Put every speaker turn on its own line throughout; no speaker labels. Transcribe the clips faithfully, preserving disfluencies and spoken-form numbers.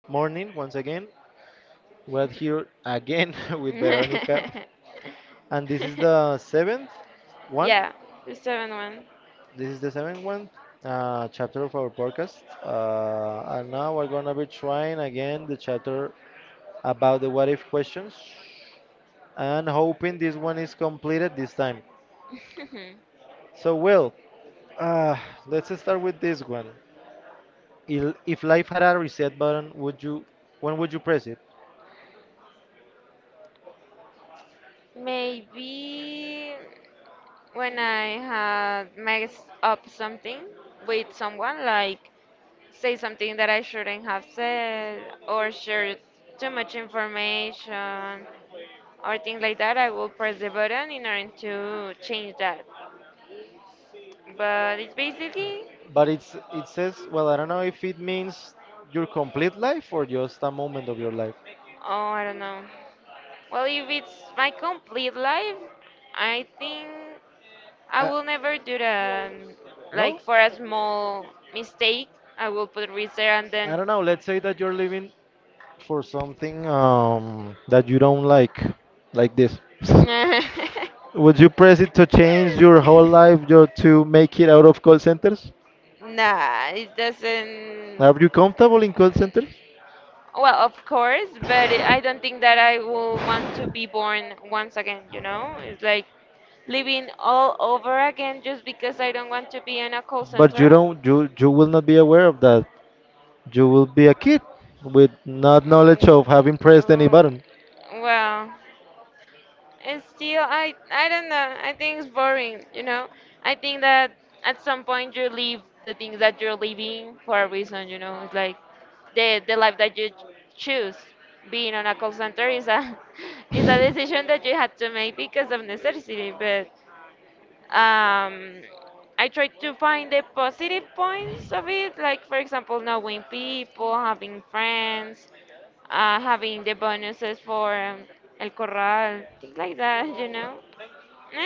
morning once again. We're here again with Veronica, and this is the seventh one.
Yeah, the seventh one.
This is the seventh one uh, chapter of our podcast, uh, and now we're gonna be trying again the chapter about the what if questions, and hoping this one is completed this time. So, well, uh, let's start with this one. Il- If life had a reset button, would you? When would you press it?
Maybe when I had messed up something with someone, like say something that I shouldn't have said, or share too much information, or things like that, I will press the button in order to change that. But it's basically,
But it's it says, well, I don't know if it means your complete life or just a moment of your life.
oh, I don't know. Well, if it's my complete life, I think I
I,
will never do that. um,
no?
Like for a small mistake, I will put risk there and
I
then.
don't know. Let's say that you're living for something um, that you don't like, like this. Would you press it to change your whole life your, to make it out of call centers?
Nah, it doesn't.
Are you comfortable in call centers?
Well, of course, but I don't think that I will want to be born once again, you know? It's like living all over again just because I don't want to be in a call
But you
center.
don't you you will not be aware of that. You will be a kid with not knowledge
Mm,
of having pressed any
mm.
button.
Well, it's still, I, I don't know. I think it's boring, you know? I think that at some point you leave the things that you're leaving for a reason, you know? It's like the, the life that you choose. Being on a call center is a, is a decision that you had to make because of necessity, but um, I try to find the positive points of it, like, for example, knowing people, having friends, uh, having the bonuses for um, El Corral, things like that, you know?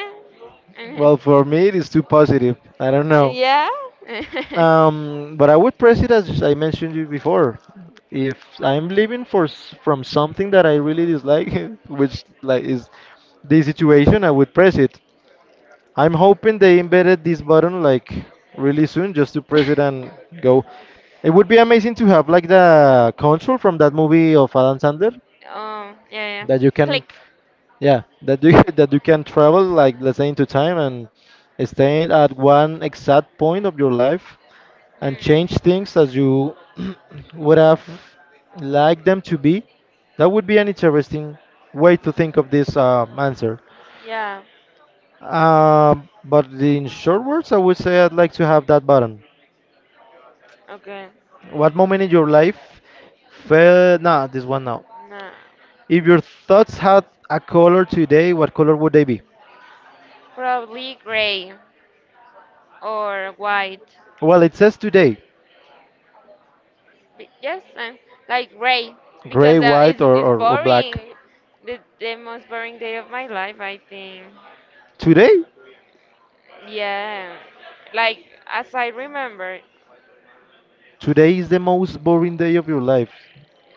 Eh, eh,
Well, for me it is too positive. I don't know.
Yeah.
Um, but I would press it as I mentioned you before. If I'm leaving for s- from something that I really dislike, which like is the situation, I would press it. I'm hoping they embedded this button like really soon, just to press it and go. It would be amazing to have like the control from that movie of Adam Sandler
Oh, yeah, yeah.
that you can,
Click.
yeah, that you that you can travel like let's say into time and stay at one exact point of your life and
Hmm.
change things as you would have liked them to be. That would be an interesting way to think of this um, answer.
Yeah.
Uh, but in short words, I would say I'd like to have that button.
Okay.
What moment in your life felt? Nah, this one now.
No.
If your thoughts had a color today, what color would they be?
Probably gray or white.
Well, it says today,
Be- Yes, and like gray
gray,
because uh,
white,
it's
or,
it's
or, or black.
boring. The the most boring day of my life, I think.
Today?
Yeah. Like as I remember.
Today is the most boring day of your life.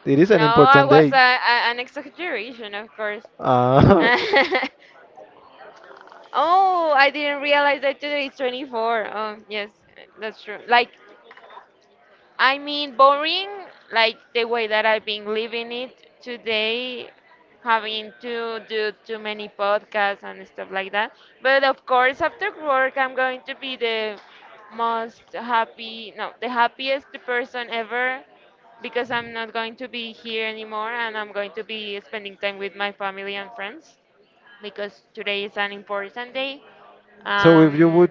It is an
No, I
important
was
day.
a, a, an exaggeration, of course.
Uh,
Oh, I didn't realize that today is twenty-fourth. Um, yes, that's true. Like, I mean, boring, like the way that I've been living it today, having to do too many podcasts and stuff like that. But of course, after work, I'm going to be the most happy, no, the happiest person ever because I'm not going to be here anymore and I'm going to be spending time with my family and friends because today is an important day.
So if Um, you Um, would
Um,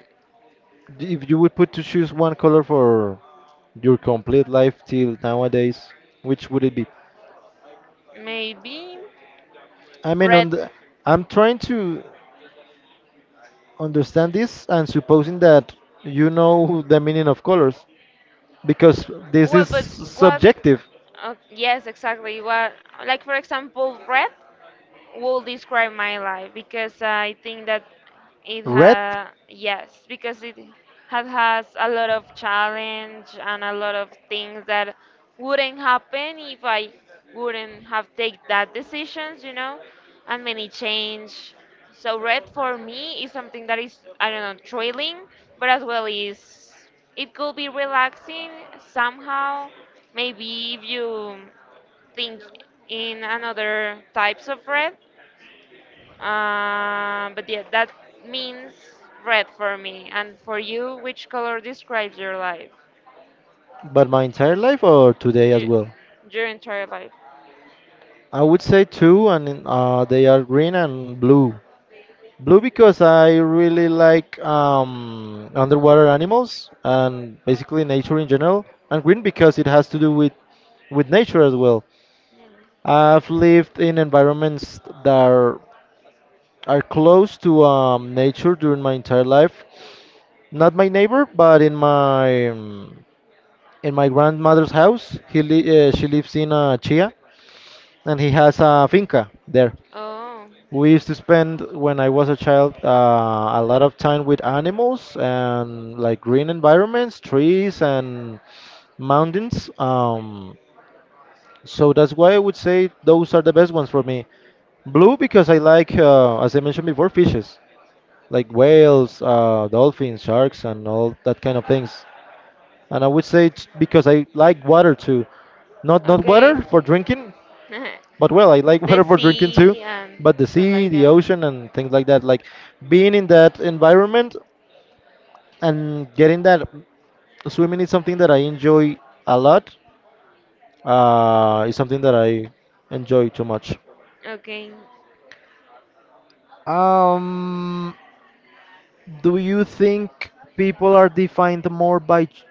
if you would put to choose one color for your complete life till nowadays, which would it be?
Maybe
I mean,
red.
on the, I'm trying to understand this and supposing that you know the meaning of colors because this
Well,
is
but what?
subjective.
Uh, yes, exactly. What? Like for example, red. Will describe my life because I think that it ha
Red?
yes because it had has a lot of challenge and a lot of things that wouldn't happen if I wouldn't have take that decisions, you know, and many change. So red for me is something that is, I don't know, thrilling, but as well is, it could be relaxing somehow maybe if you think in another types of red. Um, but yeah, that means red for me. And for you, which color describes your life?
But my entire life or today as
Ju-
well?
your entire life.
I would say two, and uh, they are green and blue. Blue because I really like um, underwater animals and basically nature in general, and green because it has to do with with nature as well.
Mm.
I've lived in environments that are, are close to um, nature during my entire life. Not my neighbor, but in my um, in my grandmother's house. He li- uh, she lives in uh, Chia, and he has a finca there.
Oh,
We used to spend when I was a child uh, a lot of time with animals and like green environments, trees and mountains. Um, so that's why I would say those are the best ones for me. Blue because I like, uh, as I mentioned before, fishes like whales, uh, dolphins, sharks, and all that kind of things. And I would say it's because I like water too. Not not
okay.
water for drinking, but well, I like
The
whatever drinking too,
sea and
but the
stuff
sea,
like
the
that.
ocean, and things like that. Like being in that environment and getting that swimming is something that I enjoy a lot. Uh, it's something that I enjoy too much.
Okay.
Um, do you think people are defined more by? ch-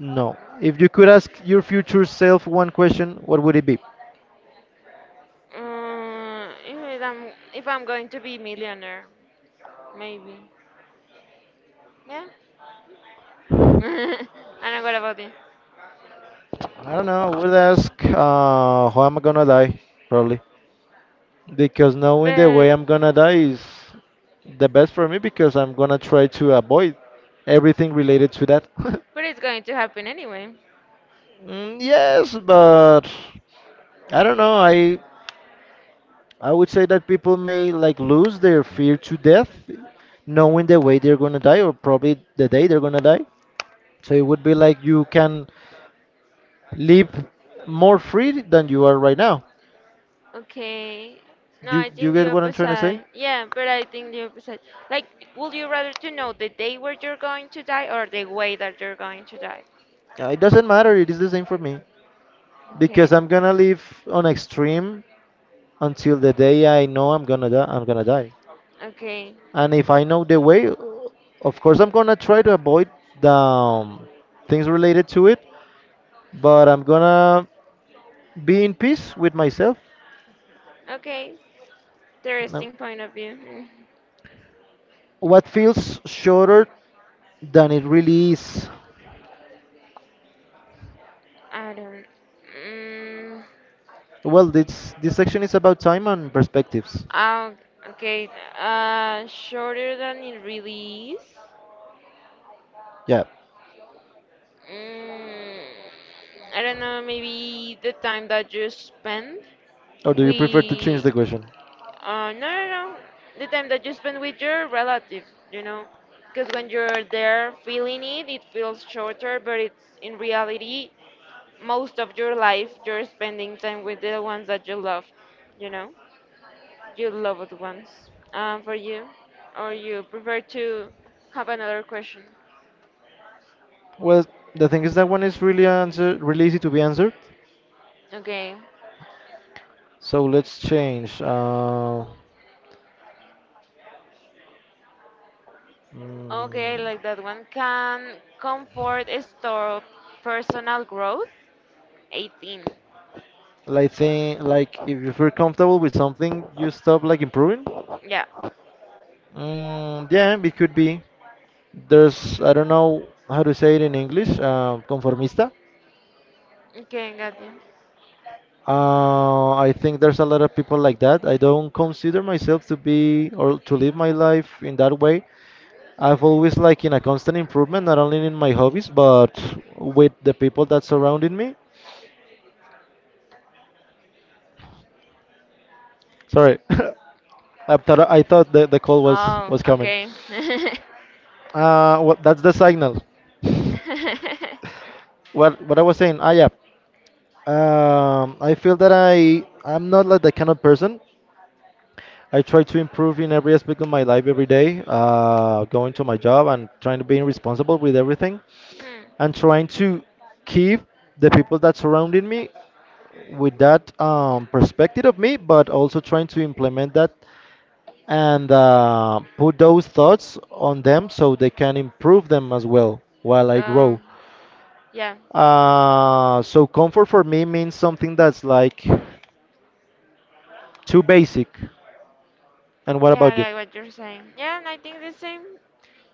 No. If you could ask your future self one question, what would it be?
Uh, if I'm if I'm going to be millionaire, maybe. Yeah. I don't know what about it,
I don't know. I would ask, uh, how am I gonna die? Probably. Because knowing the way
but
I'm gonna die is the best for me because I'm gonna try to avoid everything related to that.
but it's going to happen anyway.
Mm, yes, but I don't know. I I would say that people may like lose their fear to death, knowing the way they're gonna die or probably the day they're gonna die. So it would be like you can live more free than you are right now.
Okay. No,
You
I
you
think the
get what I'm trying to say?
opposite. Yeah, but I think the opposite. Like, would you rather to know the day where you're going to die or the way that you're going to die?
Uh, It doesn't matter. It is the same for me because
Okay.
I'm gonna live on extreme until the day I know I'm gonna die. I'm gonna die.
Okay.
And if I know the way, of course I'm gonna try to avoid the um, things related to it. But I'm gonna be in peace with myself.
Okay.
Now,
Interesting point of view.
what feels shorter than it really is?
Mm. I don't. Mm,
Well, this this section is about time and perspectives.
oh, okay. Uh, shorter than it really is.
Yeah.
Mm, I don't know. Maybe the time that you spend
Or do you prefer to change
with,
the question?
Uh, no, no, no. The time that you spend with your relatives, you know, because when you're there feeling it, it feels shorter, but it's in reality most of your life you're spending time with the ones that you love, you know, your loved ones. Um, for you, or you prefer to have another question?
Well, the thing is that one is really answer really easy to be answered.
Okay,
So let's change. Uh,
okay, I
mm,
like that one. Can comfort store personal growth? eighteen.
Like think like if you feel comfortable with something, you stop like improving.
Yeah.
Mm, yeah, it could be. There's I don't know how to say it in English. Uh, conformista.
Okay, got you.
Uh, I think there's a lot of people like that. I don't consider myself to be or to live my life in that way. I've always like in a constant improvement, not only in my hobbies but with the people that surrounded me. Sorry, I thought I thought the, the call was
Oh,
was coming.
okay.
Uh, well, that's the signal. what what I was saying. Ah, yeah. Um, I feel that I I'm not like that kind of person. I try to improve in every aspect of my life every day. Uh, going to my job and trying to be responsible with everything,
Hmm.
and trying to keep the people that surrounding me with that um, perspective of me, but also trying to implement that and uh, put those thoughts on them so they can improve them as well while I grow.
Um, yeah,
Uh, so comfort for me means something that's like too basic. And what
yeah, I
about you?
get what you're saying. Yeah, and I think the same.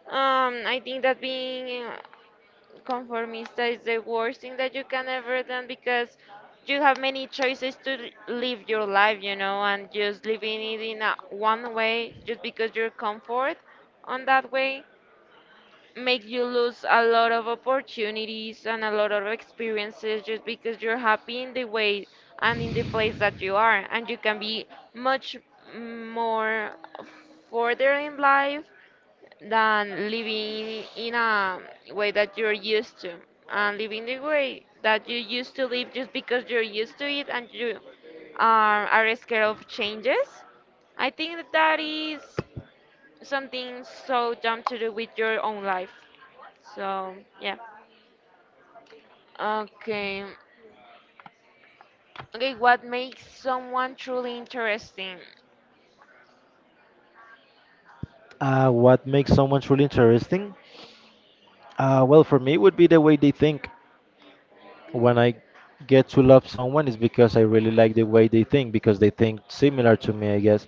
Um, I think that being uh, conformista is the worst thing that you can ever do because you have many choices to l- live your life, you know, and just living it in a, one way just because you're comfort on that way makes you lose a lot of opportunities and a lot of experiences just because you're happy in the way and in the place that you are, and you can be much more further in life than living in a way that you're used to, and living the way that you used to live just because you're used to it and you are, are scared of changes. I think that that is something so dumb to do with your own life. So, yeah. Okay. Okay, what makes someone truly interesting?
Uh, what makes someone truly interesting? Uh, well, for me, it would be the way they think. When I get to love someone, it's because I really like the way they think because they think similar to me, I guess.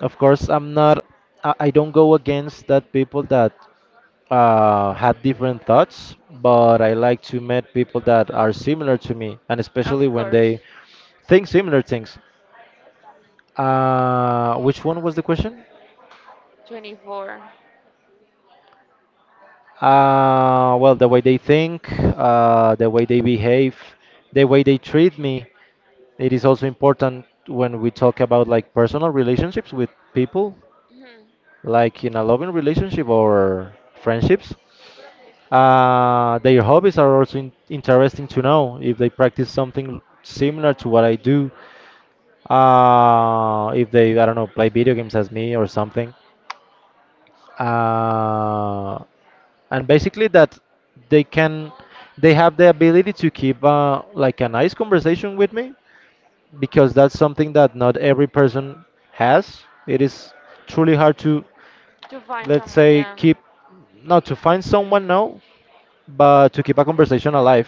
Of course, I'm not. I, I don't go against that people that uh, had different thoughts, but I like to meet people that are similar to me, and
Of
especially when
course.
they think similar things. Uh, which one was the question?
twenty-four.
Uh, well, the way they think, uh, the way they behave, the way they treat me. It is also important when we talk about like personal relationships with people,
Hmm.
like in a loving relationship or friendships. Uh, their hobbies are also in interesting to know if they practice something similar to what I do. Uh, if they, I don't know, play video games as me or something. Uh, and basically that they can, they have the ability to keep uh, like a nice conversation with me because that's something that not every person has. It is truly hard to,
To find
let's
someone,
say,
yeah.
keep, not to find someone now, but to keep a conversation alive.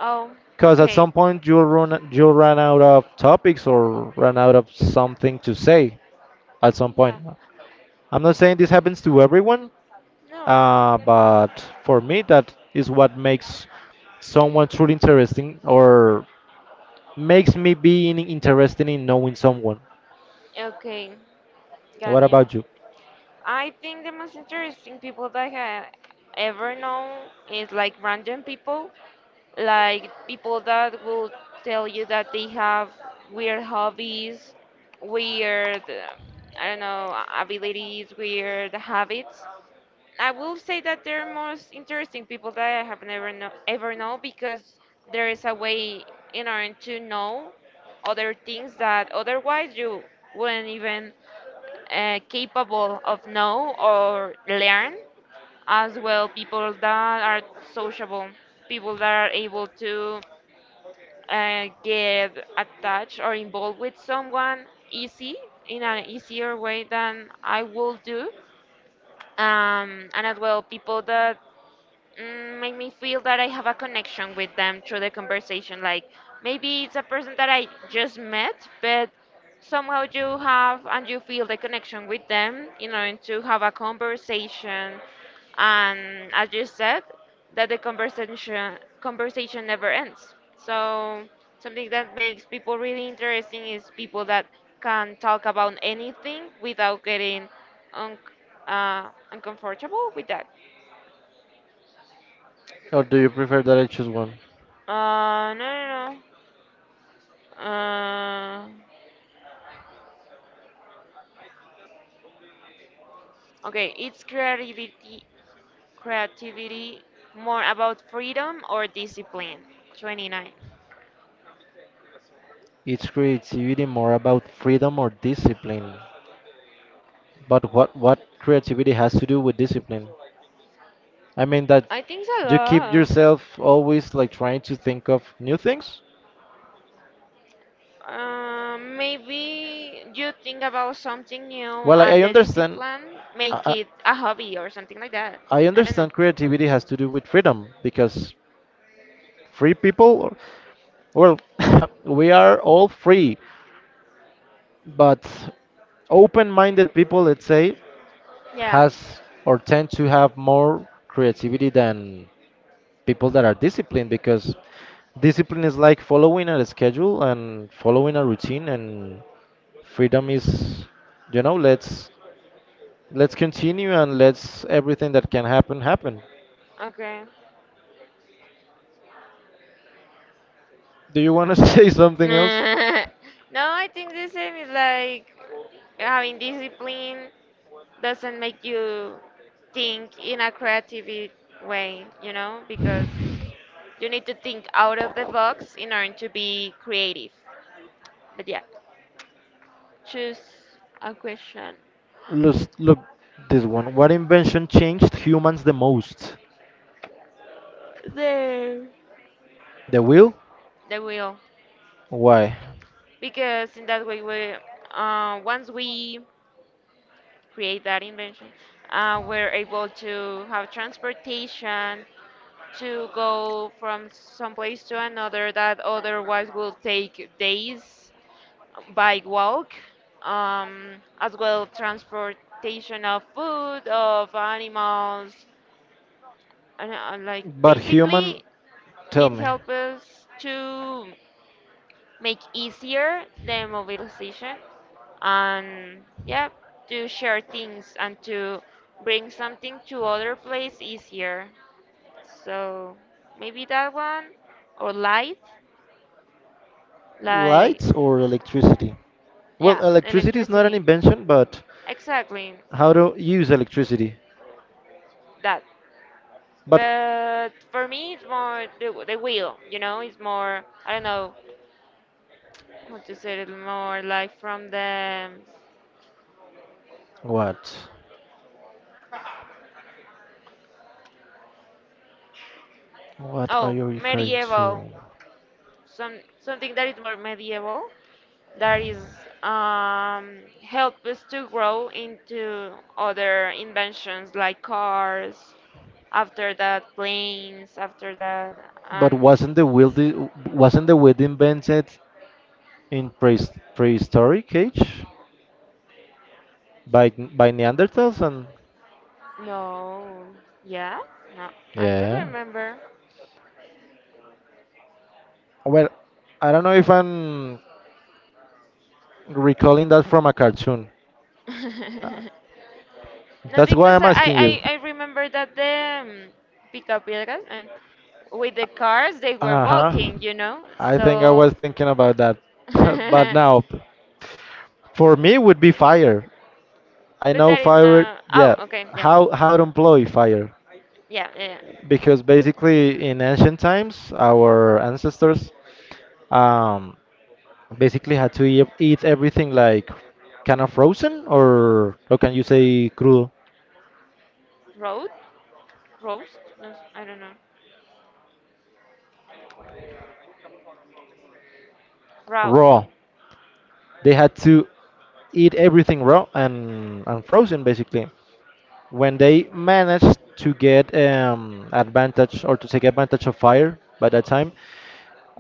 Oh,
Because at
okay.
some point you'll run, you'll run out of topics or run out of something to say at some point.
Yeah.
I'm not saying this happens to everyone,
No.
uh, but for me, that is what makes someone truly interesting or makes me being interested in knowing someone.
Okay, got
What
you.
about you?
I think the most interesting people that I ever known is like random people, like people that will tell you that they have weird hobbies, weird, um, I don't know, abilities, weird habits. I will say that they're most interesting people that I have never know, ever know, because there is a way in order to know other things that otherwise you wouldn't even uh, capable of know or learn. As well people that are sociable, people that are able to uh, get attached or involved with someone easy in an easier way than I will do. Um, and as well, people that mm, make me feel that I have a connection with them through the conversation. Like maybe it's a person that I just met, but somehow you have and you feel the connection with them in order to have a conversation. And as you said, that the conversation conversation never ends. So something that makes people really interesting is people that can talk about anything without getting un- uh, uncomfortable with that.
Or do you prefer that I choose one?
Uh, no, no, no. Uh, okay, it's creativity, creativity more about freedom or discipline. twenty-nine.
Is creativity more about freedom or discipline? But what what creativity has to do with discipline? I mean that
I think it's a
you keep
lot.
yourself always like trying to think of new things.
Uh, maybe you think about something new
Well, I,
and
I
the
understand.
discipline
I,
make
I
it a hobby or something like that.
I
I don't know.
understand creativity has to do with freedom because free people, well, we are all free, but open-minded people, let's say,
Yeah.
has or tend to have more creativity than people that are disciplined because discipline is like following a schedule and following a routine and freedom is, you know, let's let's continue and let's everything that can happen happen.
Okay.
Do you want to say something else?
No, I think the same. Is like having discipline doesn't make you think in a creative way, you know, because you need to think out of the box in order to be creative. But yeah, choose a question.
Let's look this one. What invention changed humans the most?
The
The wheel.
the wheel,
Why?
because in that way we uh, once we create that invention, uh, we're able to have transportation to go from some place to another that otherwise will take days by walk. Um, as well transportation of food, of animals, and uh, like
But human,
basically
tell
it
me,
helps us to make easier the mobilization, and yeah, to share things and to bring something to other place easier. So maybe that one, or light, like
lights or electricity? Well,
yeah,
electricity is not an
electricity.
invention, but
Exactly
how to use electricity.
that.
But
But for me, it's more the, the will, you know, it's more, I don't know how to say it, more like from the,
what? What are
oh,
you referring
medieval,
to?
some something that is more medieval, that is um, help us to grow into other inventions like cars, after that planes, after that,
But
and
wasn't the wheel the, wasn't the wheel invented in pre prehistoric age by by Neanderthals and
no, yeah, no, I don't
yeah.
remember.
Well, I don't know if I'm recalling that from a cartoon.
No,
That's why
because I,
I'm
I,
asking you.
I I remember that the um, Picapiedras, and with the cars they were
Uh huh.
walking, you know.
I think I
So,
was thinking about that.
but
but
that
now, for me, would be fire. I know
is
fire.
not. Oh,
Yeah.
okay, yeah,
How how to employ fire?
yeah, yeah. Yeah.
Because basically, in ancient times, our ancestors um, basically had to eat, eat everything like kind of frozen or or can you say crudo,
Road, roast. No, I don't know. Row.
raw. They had to eat everything raw and and frozen basically. When they managed to get um, advantage, or to take advantage of fire by that time,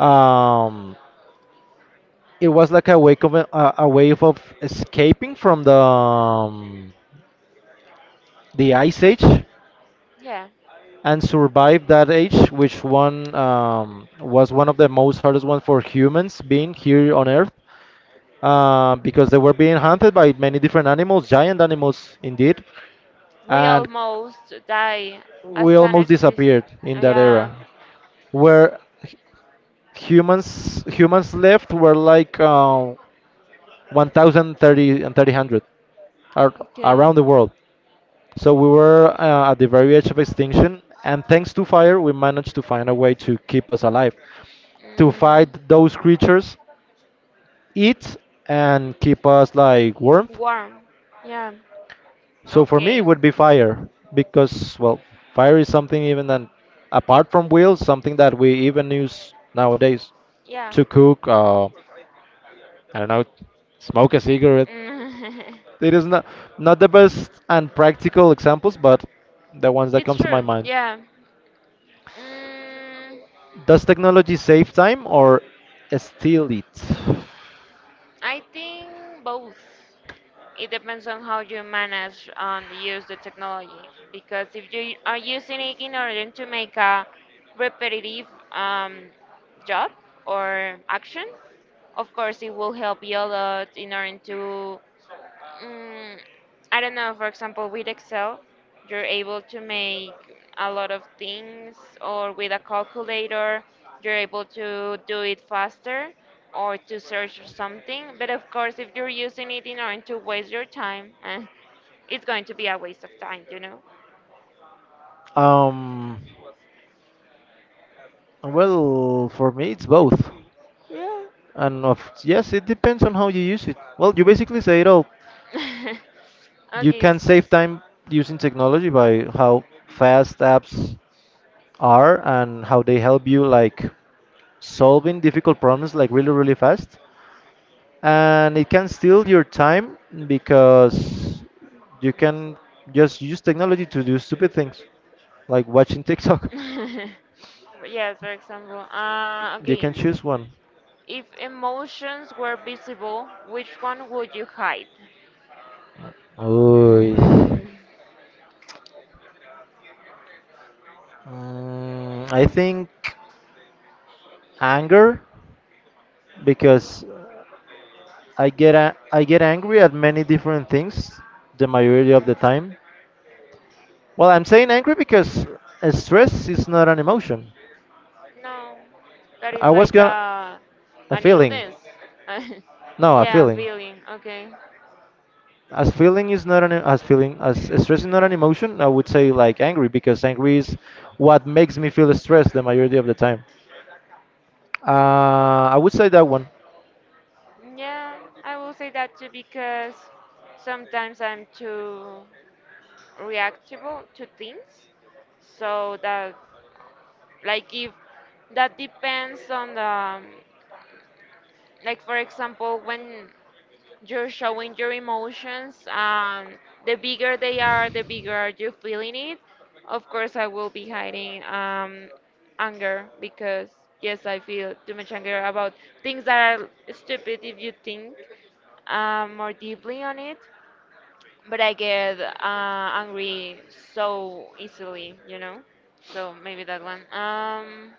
um, it was like a wake of a, a a way of escaping from the um, the ice age
Yeah,
and survive that age, which one um, was one of the most hardest ones for humans being here on Earth, uh, because they were being hunted by many different animals, giant animals indeed,
we
and
almost die
we
as an
almost
species.
disappeared in that
Yeah.
era, where humans humans left were like uh, one thousand thirty and three hundred ar-
Okay.
around the world. So we were uh, at the very edge of extinction, and thanks to fire we managed to find a way to keep us alive, to
Mm,
fight those creatures, eat, and keep us like warmth.
warm. Yeah.
So for me it
Okay.
would be fire because, well, fire is something, even that, apart from wheels, something that we even use nowadays
Yeah.
to cook, uh, I don't know, smoke a cigarette.
Mm.
It is not not the best and practical examples, but the ones that
It's
comes to
true.
my mind.
Yeah. Mm,
Does technology save time or steal it?
I think both. It depends on how you manage and use the technology. Because if you are using it in order to make a repetitive um, job or action, of course it will help you a lot in order to, Mm, I don't know, for example, with Excel, you're able to make a lot of things, or with a calculator, you're able to do it faster or to search for something. But of course, if you're using it in order to waste your time, eh, it's going to be a waste of time, you know?
Um, well, for me, it's both.
Yeah.
And of yes, it depends on how you use it. Well, you basically say it all. You
Okay.
can
s-
save time using technology by how fast apps are and how they help you like solving difficult problems like really really fast. And it can steal your time because you can just use technology to do stupid things like watching TikTok.
Yes, for example. Uh,
You
okay.
can choose one.
If emotions were visible, which one would you hide?
Ooh.
Mm,
Mm, I think anger, because I get a- I get angry at many different things the majority of the time. Well, I'm saying angry because uh, stress is not an emotion.
no, that
I
is
was
like
gonna
a
a
an
feeling.
illness.
No, a
Yeah,
feeling.
feeling. Okay.
As feeling is not an as feeling as stress is not an emotion, I would say like angry, because angry is what makes me feel stressed the majority of the time. uh, I would say that one.
Yeah, I will say that too because sometimes I'm too reactable to things. So that, like, if that depends on the, um, like, for example, when you're showing your emotions and the bigger they are the bigger you're feeling it, of course I will be hiding um, anger, because yes, I feel too much anger about things that are stupid if you think um, more deeply on it. But I get uh, angry so easily, you know, so maybe that one. um,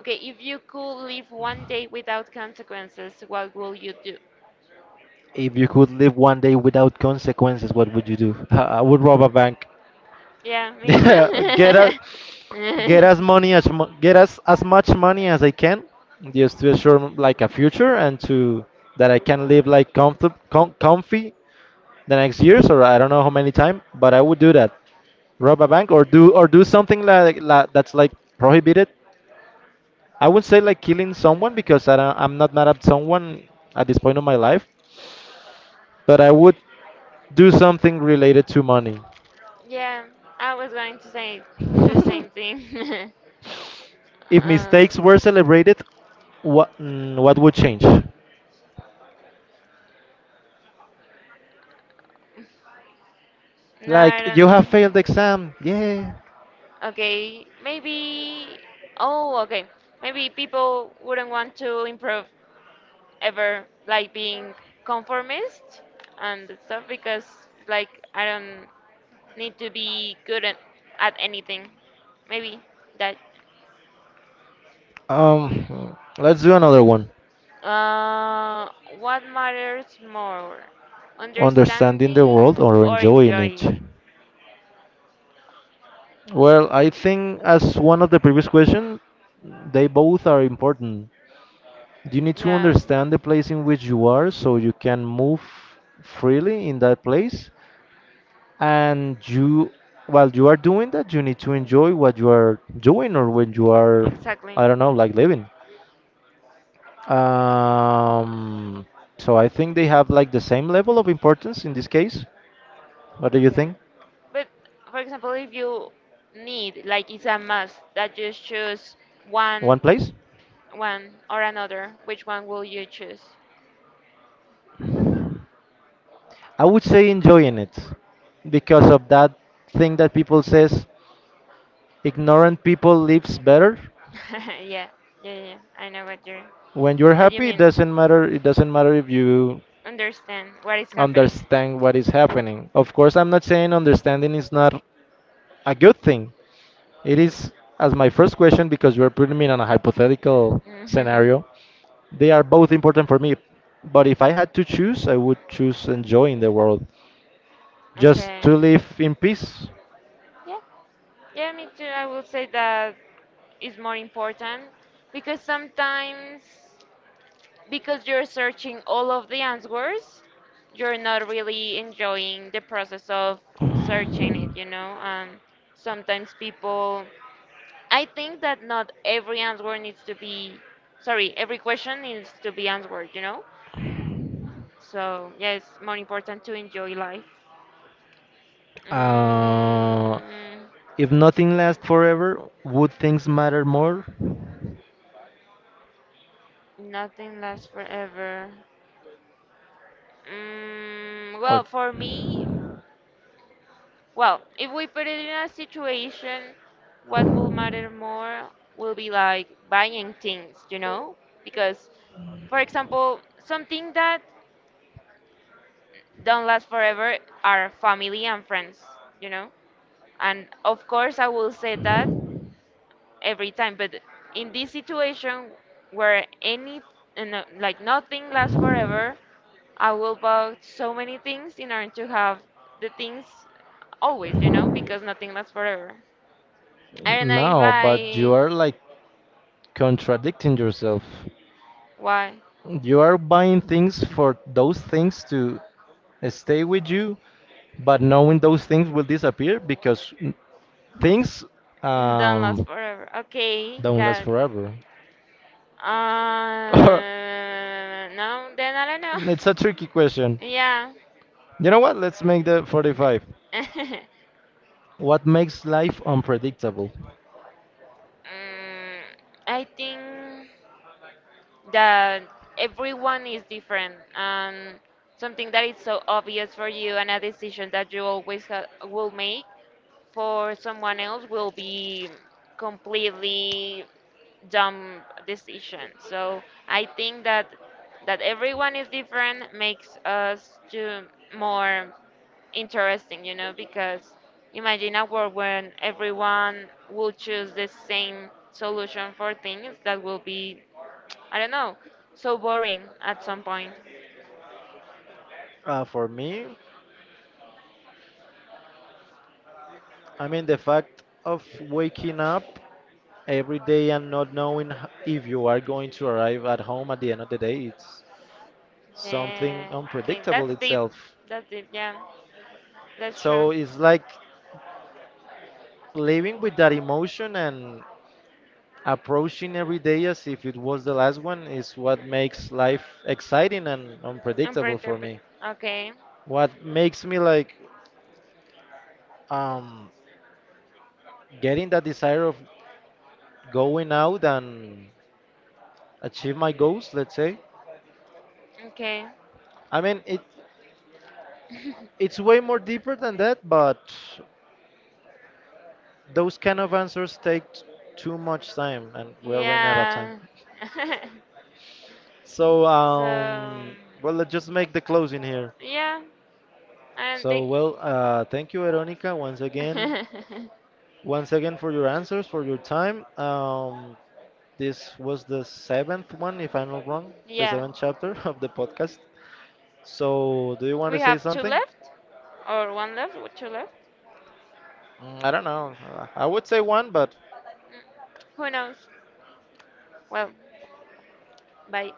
Okay, if you could live one day without consequences, what will you do?
If you could live one day without consequences, what would you do? I would rob a bank.
Yeah, me
get
too.
a, get as money as mu- get as, as much money as I can, just to assure m- like a future, and to that I can live like comfort com- comfy the next years, or I don't know how many time, but I would do that. Rob a bank, or do or do something like, like that's like prohibited. I would say like killing someone, because I don't, I'm not mad at someone at this point of my life, but I would do something related to money.
Yeah, I was going to say the same thing.
If
uh,
mistakes were celebrated, what mm, what would change?
no, I
Like you have
don't.
failed the exam, yeah.
Okay, maybe. Oh, okay. Maybe people wouldn't want to improve ever, like being conformist and stuff, because, like, I don't need to be good at, at anything. Maybe that.
Um, let's do another one.
Uh, what matters more,
Understanding the
understanding
world or
or
enjoying it?
enjoying?
Well, I think as one of the previous question, they both are important. You need to
Yeah,
understand the place in which you are so you can move freely in that place. And you, while you are doing that, you need to enjoy what you are doing, or when you are,
exactly.
I don't know, like living. Um, so I think they have like the same level of importance in this case. What do you
Okay.
think?
But for example, if you need, like it's a must that you choose one,
One place?
one or another, which one will you choose?
I would say enjoying it, because of that thing that people says, ignorant people lives better.
Yeah, yeah, yeah. I know what you're,
When you're
what you
happy, it
mean.
doesn't matter. It doesn't matter if you
Understand what is happening.
understand what is happening. Of course, I'm not saying understanding is not a good thing. It is as my first question, because you're putting me in a hypothetical scenario. They are both important for me, but if I had to choose, I would choose enjoying the world, just to
Okay.
live in peace.
Yeah. Yeah, me too. I will say that is more important because sometimes, because you're searching all of the answers, you're not really enjoying the process of searching it, you know. And sometimes people, I think that not every answer needs to be, sorry, every question needs to be answered, you know, so yeah, it's more important to enjoy life.
Uh,
mm,
If nothing lasts forever, would things matter more?
Nothing lasts forever. Mm, well,
Or
for me, well, if we put it in a situation, what will matter more will be like buying things, you know? Because, for example, something that don't last forever are family and friends, you know? And of course, I will say that every time, but in this situation where any, uh, no, like nothing lasts forever, I will buy so many things in order to have the things always, you know? Because nothing lasts forever. I don't know if
no, but you
I,
are like contradicting yourself.
why
You are buying things for those things to stay with you, but knowing those things will disappear because n- things,
don't last
um,
forever. Okay,
don't
got
last
it.
forever.
Uh, no, then I don't know.
It's a tricky question.
Yeah.
You know what? Let's make the forty-five.
mm,
What makes life unpredictable?
I think that everyone is different, and something that is so obvious for you and a decision that you always ha will make for someone else will be completely dumb decision. So I think that that everyone is different makes us to more interesting, you know, because imagine a world when everyone will choose the same solution for things that will be, I don't know, so boring at some point.
Uh, for me, I mean, the fact of waking up every day and not knowing h- if you are going to arrive at home at the end of the day, it's something
Yeah, okay,
unpredictable
that's deep.
itself.
That's deep, yeah. That's
So
true.
it's like living with that emotion and approaching every day as if it was the last one is what makes life exciting and unpredictable for
Imperturbable.
me.
Okay.
What makes me like, um, getting that desire of going out and achieve my goals, let's say.
Okay.
I mean, it it's way more deeper than that, but those kind of answers take t- too much time, and we are running out of time.
Yeah.
So,
So
um, well, let's just make the closing here.
yeah, I don't
So,
think.
well, uh, thank you, Veronica, once again, once again for your answers, for your time. Um, this was the seventh one, if I'm not wrong, the
Yeah,
seventh chapter of the podcast. So, do you want to
we
say
have two
something?
left, or one left or two left.
Mm, I don't know. Uh, I would say one, but
Who knows? Well, bye.